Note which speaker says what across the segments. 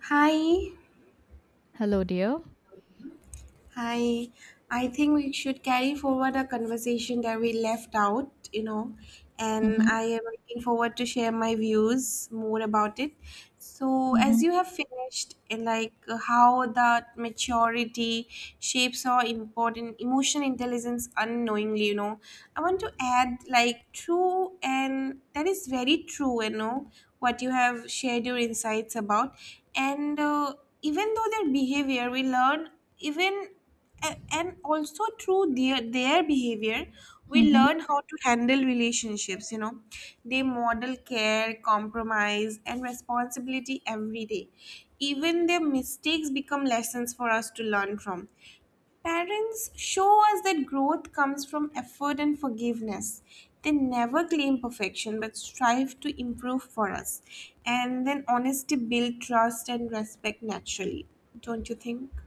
Speaker 1: Hi.
Speaker 2: Hello, dear.
Speaker 1: Hi, I think we should carry forward a conversation that we left out, you know, and
Speaker 2: Mm-hmm,
Speaker 1: I am looking forward to share my views more about it. So, as
Speaker 2: mm-hmm,
Speaker 1: you have finished, and like how that maturity shapes our important emotional intelligence unknowingly, you know, I want to add like true, and that is very true, you know, what you have shared your insights about, and even though their behavior, we learn even and also through their behavior, we
Speaker 2: mm-hmm.
Speaker 1: learn how to handle relationships, you know. They model care, compromise, and responsibility every day. Even their mistakes become lessons for us to learn from. Parents show us that growth comes from effort and forgiveness. They never claim perfection but strive to improve for us, and then honesty builds trust and respect naturally. Don't you think?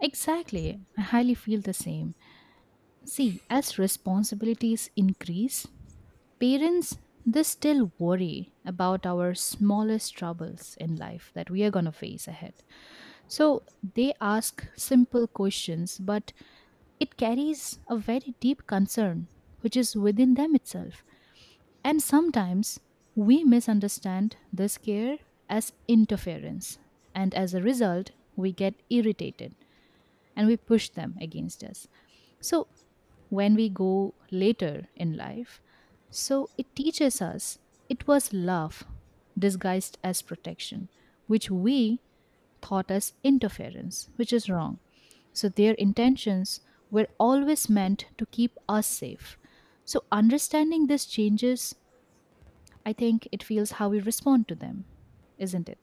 Speaker 2: Exactly. I highly feel the same. See, as responsibilities increase, parents they still worry about our smallest troubles in life that we are going to face ahead, so they ask simple questions, but it carries a very deep concern which is within them itself. And sometimes we misunderstand this care as interference. And as a result, we get irritated and we push them against us. So when we go later in life, so it teaches us it was love disguised as protection, which we thought as interference, which is wrong. So their intentions were always meant to keep us safe. So understanding this changes, I think it feels how we respond to them, isn't it?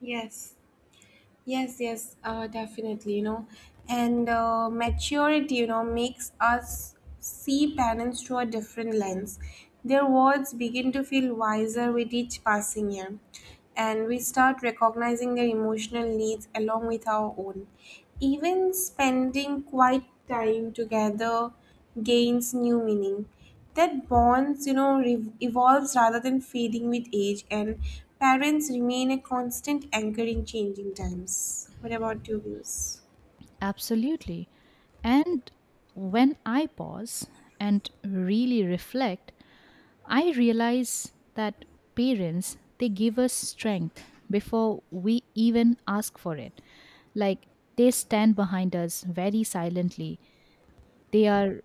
Speaker 1: Yes, yes, yes, definitely, you know. And maturity, you know, makes us see parents through a different lens. Their words begin to feel wiser with each passing year, and we start recognizing their emotional needs along with our own. Even spending quiet time together gains new meaning. That bonds, you know, evolves rather than fading with age, and parents remain a constant anchor in changing times. What about your views?
Speaker 2: Absolutely. And when I pause and really reflect, I realize that parents they give us strength before we even ask for it. Like they stand behind us very silently. They are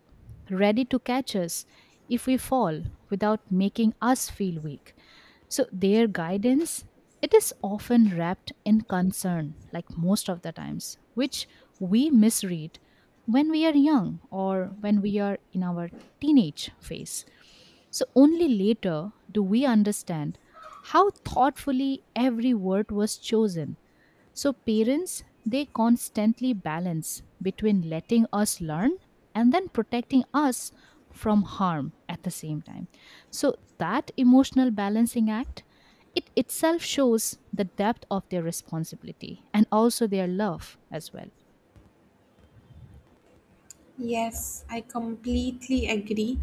Speaker 2: ready to catch us if we fall without making us feel weak. So their guidance, it is often wrapped in concern like most of the times, which we misread when we are young or when we are in our teenage phase. So only later do we understand how thoughtfully every word was chosen. So, parents, they constantly balance between letting us learn and then protecting us from harm at the same time. So, that emotional balancing act, it itself shows the depth of their responsibility and also their love as well.
Speaker 1: Yes, I completely agree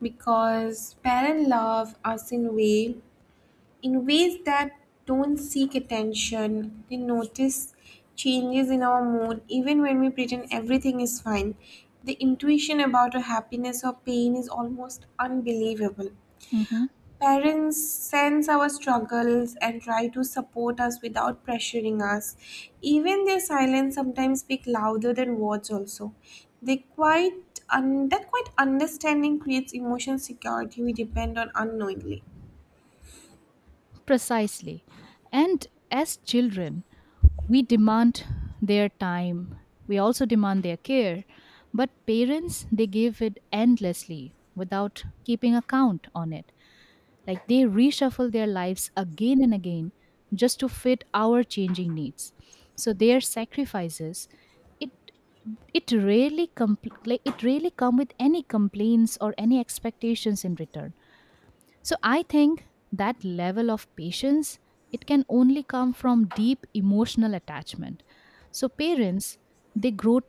Speaker 1: because parent love us in a way, in ways that don't seek attention. They notice changes in our mood even when we pretend everything is fine. The intuition about our happiness or pain is almost unbelievable.
Speaker 2: Mhm.
Speaker 1: Parents sense our struggles and try to support us without pressuring us. Even their silence sometimes speak louder than words also. They quite un- that quite understanding creates emotional security we depend on unknowingly.
Speaker 2: Precisely. And as children, we demand their time, we also demand their care, but parents they give it endlessly without keeping account on it, like they reshuffle their lives again and again just to fit our changing needs. So their sacrifices, it it rarely like it rarely come with any complaints or any expectations in return. So I think that level of patience, it can only come from deep emotional attachment. So parents they grow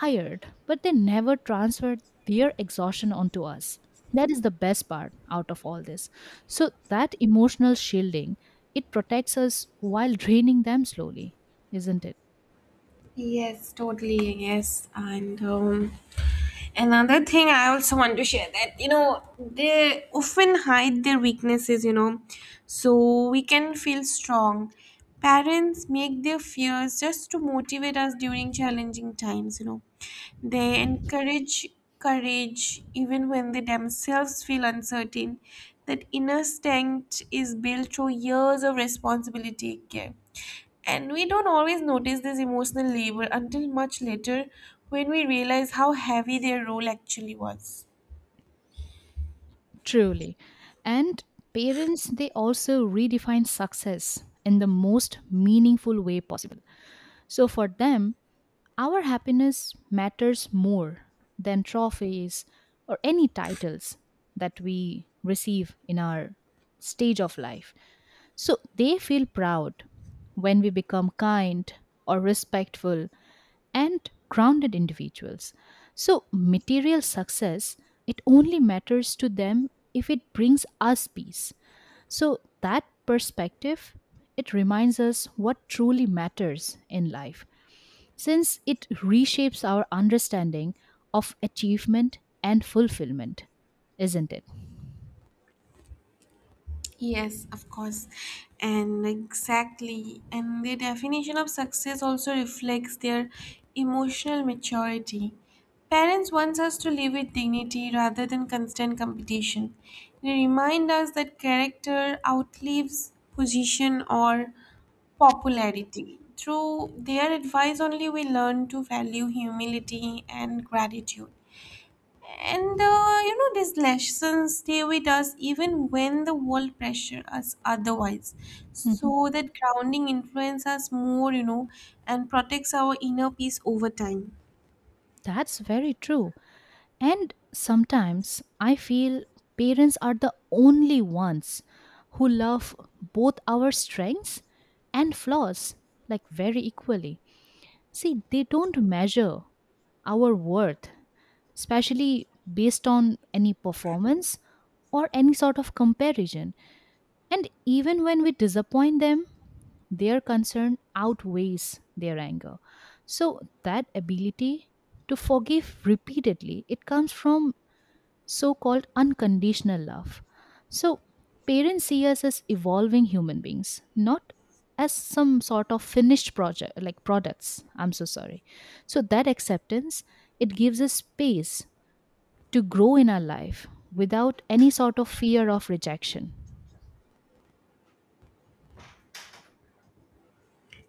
Speaker 2: tired, but they never transfer their exhaustion onto us. That is the best part out of all this. So that emotional shielding, it protects us while draining them slowly, isn't it?
Speaker 1: Yes, totally. Yes, and another thing I also want to share that you know they often hide their weaknesses. You know, so we can feel strong. Parents make their fears just to motivate us during challenging times. You know, they encourage courage even when they themselves feel uncertain. That inner strength is built through years of responsibility and care. And we don't always notice this emotional labor until much later, when we realize how heavy their role actually was.
Speaker 2: Truly. And parents they also redefine success in the most meaningful way possible. So for them our happiness matters more than trophies or any titles that we receive in our stage of life. So they feel proud when we become kind or respectful and grounded individuals. So material success, it only matters to them if it brings us peace. So that perspective, it reminds us what truly matters in life, since it reshapes our understanding of achievement and fulfillment, isn't it?
Speaker 1: Yes, of course. And exactly. And the definition of success also reflects their emotional maturity. Parents want us to live with dignity rather than constant competition. They remind us that character outlives position or popularity. Through their advice only, we learn to value humility and gratitude. And you know, these lessons stay with us even when the world pressure us otherwise. So
Speaker 2: Mhm.
Speaker 1: that grounding influences us more, you know, and protects our inner peace over time.
Speaker 2: That's very true. And sometimes I feel parents are the only ones who love both our strengths and flaws like very equally. See, they don't measure our worth, especially based on any performance or any sort of comparison. And even when we disappoint them, their concern outweighs their anger. So that ability to forgive repeatedly, it comes from so-called unconditional love. So parents see us as evolving human beings, not as some sort of finished project like products. I'm so sorry. So that acceptance, it gives us space to grow in our life without any sort of fear of rejection.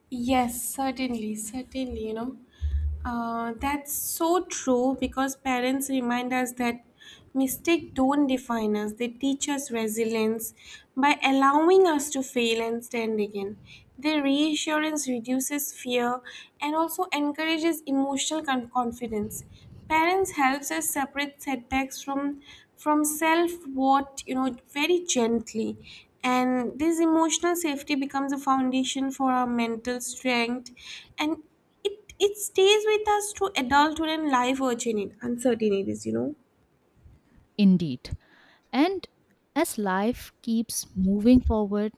Speaker 1: Yes, certainly, certainly, you know. That's so true because parents remind us that mistakes don't define us. They teach us resilience by allowing us to fail and stand again. Their reassurance reduces fear and also encourages emotional confidence. Parents helps us separate setbacks from self what you know very gently, and this emotional safety becomes a foundation for our mental strength, and it stays with us through adulthood and life uncertainties. You know.
Speaker 2: Indeed. And as life keeps moving forward,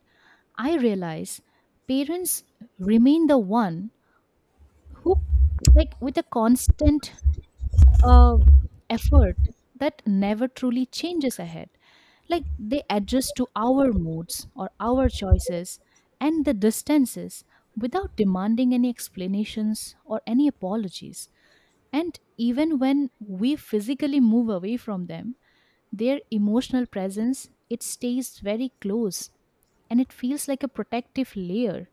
Speaker 2: I realize parents remain the one who, like, with a constant uh, effort that never truly changes ahead. Like, they adjust to our moods or our choices and the distances without demanding any explanations or any apologies. And even when we physically move away from them, their emotional presence, it stays very close, and it feels like a protective layer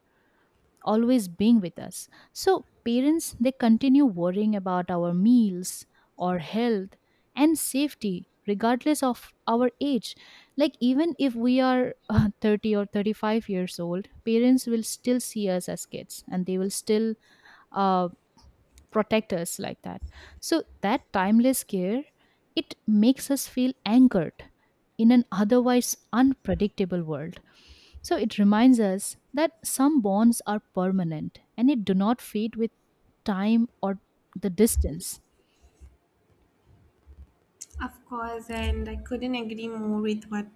Speaker 2: always being with us. So parents they continue worrying about our meals or health and safety regardless of our age. Like even if we are 30 or 35 years old, parents will still see us as kids, and they will still uh, protect us like that. So that timeless care, it makes us feel anchored in an otherwise unpredictable world. So it reminds us that some bonds are permanent and it do not fade with time or the distance.
Speaker 1: Of course, and I couldn't agree more with what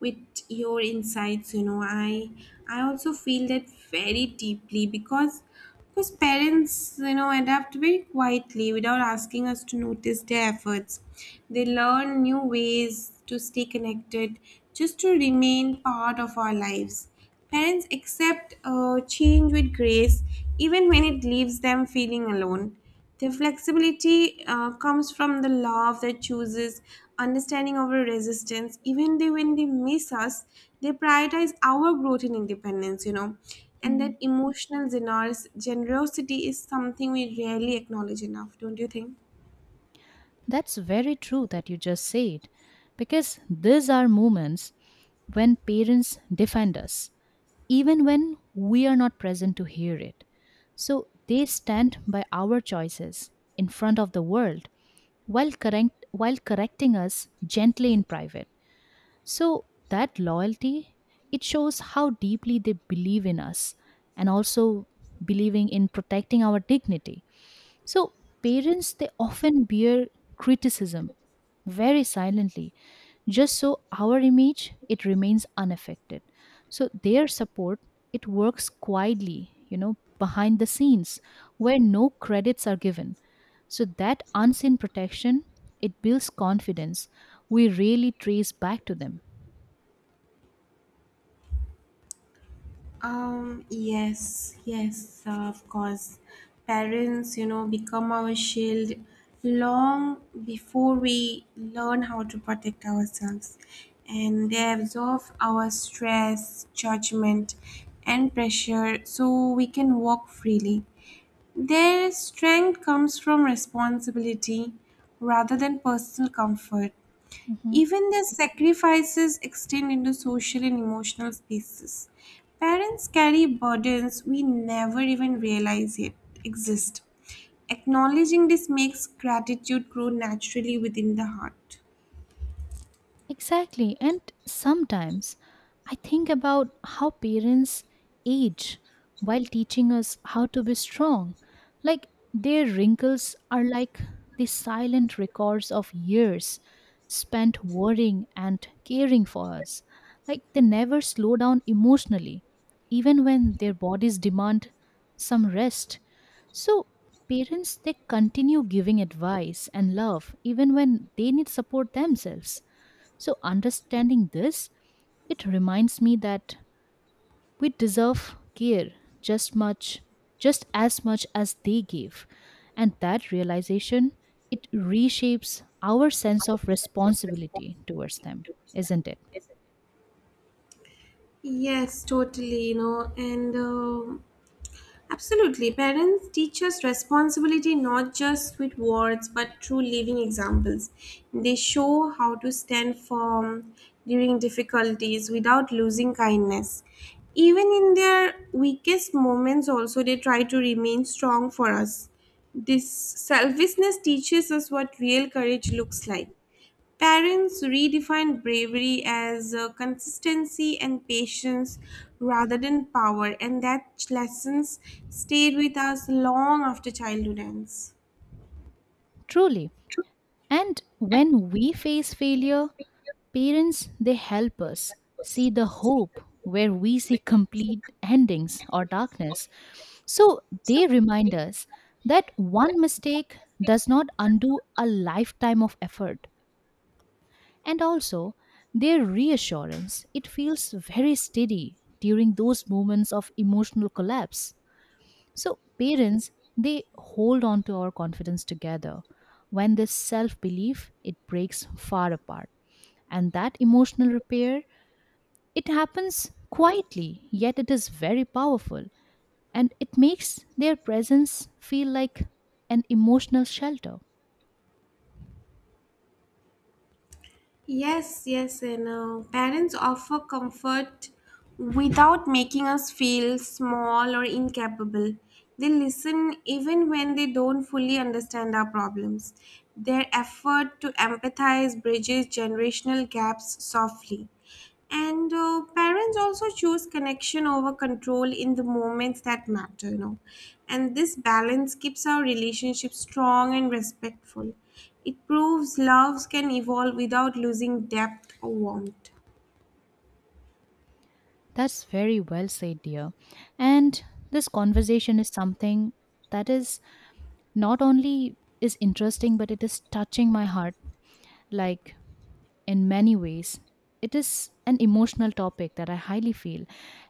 Speaker 1: with your insights, you know. I also feel that very deeply because parents, you know, adapt very quietly without asking us to notice their efforts. They learn new ways to stay connected, just to remain part of our lives. Parents accept change with grace, even when it leaves them feeling alone. Their flexibility comes from the love that chooses understanding over resistance. Even they, when they miss us, they prioritize our growth and independence, you know. And that
Speaker 2: Mm.
Speaker 1: emotional generosity is something we rarely acknowledge enough, don't you think?
Speaker 2: That's very true that you just said, because these are moments when parents defend us, even when we are not present to hear it. So they stand by our choices in front of the world while correcting us gently in private. So that loyalty, it shows how deeply they believe in us and also believing in protecting our dignity. So parents they often bear criticism very silently, just so our image, it remains unaffected. So their support, it works quietly, you know, behind the scenes where no credits are given. So that unseen protection, it builds confidence we really trace back to them.
Speaker 1: Yes, yes, of course. Parents, you know, become our shield long before we learn how to protect ourselves. And they absorb our stress, judgment, and pressure so we can walk freely. Their strength comes from responsibility rather than personal comfort.
Speaker 2: Mhm.
Speaker 1: Even their sacrifices extend into social and emotional spaces. Parents carry burdens we never even realize yet exist. Acknowledging this makes gratitude grow naturally within the heart.
Speaker 2: Exactly. And sometimes I think about how parents age while teaching us how to be strong. Like their wrinkles are like the silent records of years spent worrying and caring for us. Like they never slow down emotionally, even when their bodies demand some rest. So, parents they continue giving advice and love even when they need support themselves. So, understanding this, it reminds me that we deserve care just much, just as much as they gave. And that realization, it reshapes our sense of responsibility towards them, isn't it?
Speaker 1: Yes, totally, you know, and Absolutely. Parents teach us responsibility not just with words but through living examples. They show how to stand firm during difficulties without losing kindness. Even in their weakest moments, also, they try to remain strong for us. This selflessness teaches us what real courage looks like. Parents redefine bravery as consistency and patience rather than power, and that lessons stayed with us long after childhood ends.
Speaker 2: Truly. And when we face failure, parents, they help us see the hope where we see complete endings or darkness. So they remind us that one mistake does not undo a lifetime of effort. And also, their reassurance, it feels very steady during those moments of emotional collapse. So parents, they hold on to our confidence together when this self-belief it breaks far apart, and that emotional repair, it happens quietly, yet it is very powerful, and it makes their presence feel like an emotional shelter.
Speaker 1: Yes, yes, and parents offer comfort without making us feel small or incapable. They listen even when they don't fully understand our problems. Their effort to empathize bridges generational gaps softly. And parents also choose connection over control in the moments that matter, you know, and this balance keeps our relationship strong and respectful. It proves loves can evolve without losing depth or warmth.
Speaker 2: That's very well said, dear. And this conversation is something that is not only is interesting, but it is touching my heart like in many ways. It is an emotional topic that I highly feel.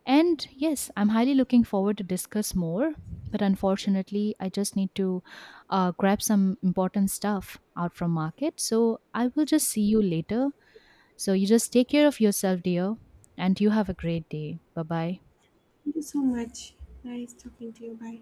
Speaker 2: And yes, I'm highly looking forward to discuss more, but unfortunately, I just need to grab some important stuff out from market. So I will just see you later. So you just take care of yourself, dear, and you have a great day. Bye bye.
Speaker 1: Thank you so much. Nice talking to you. Bye.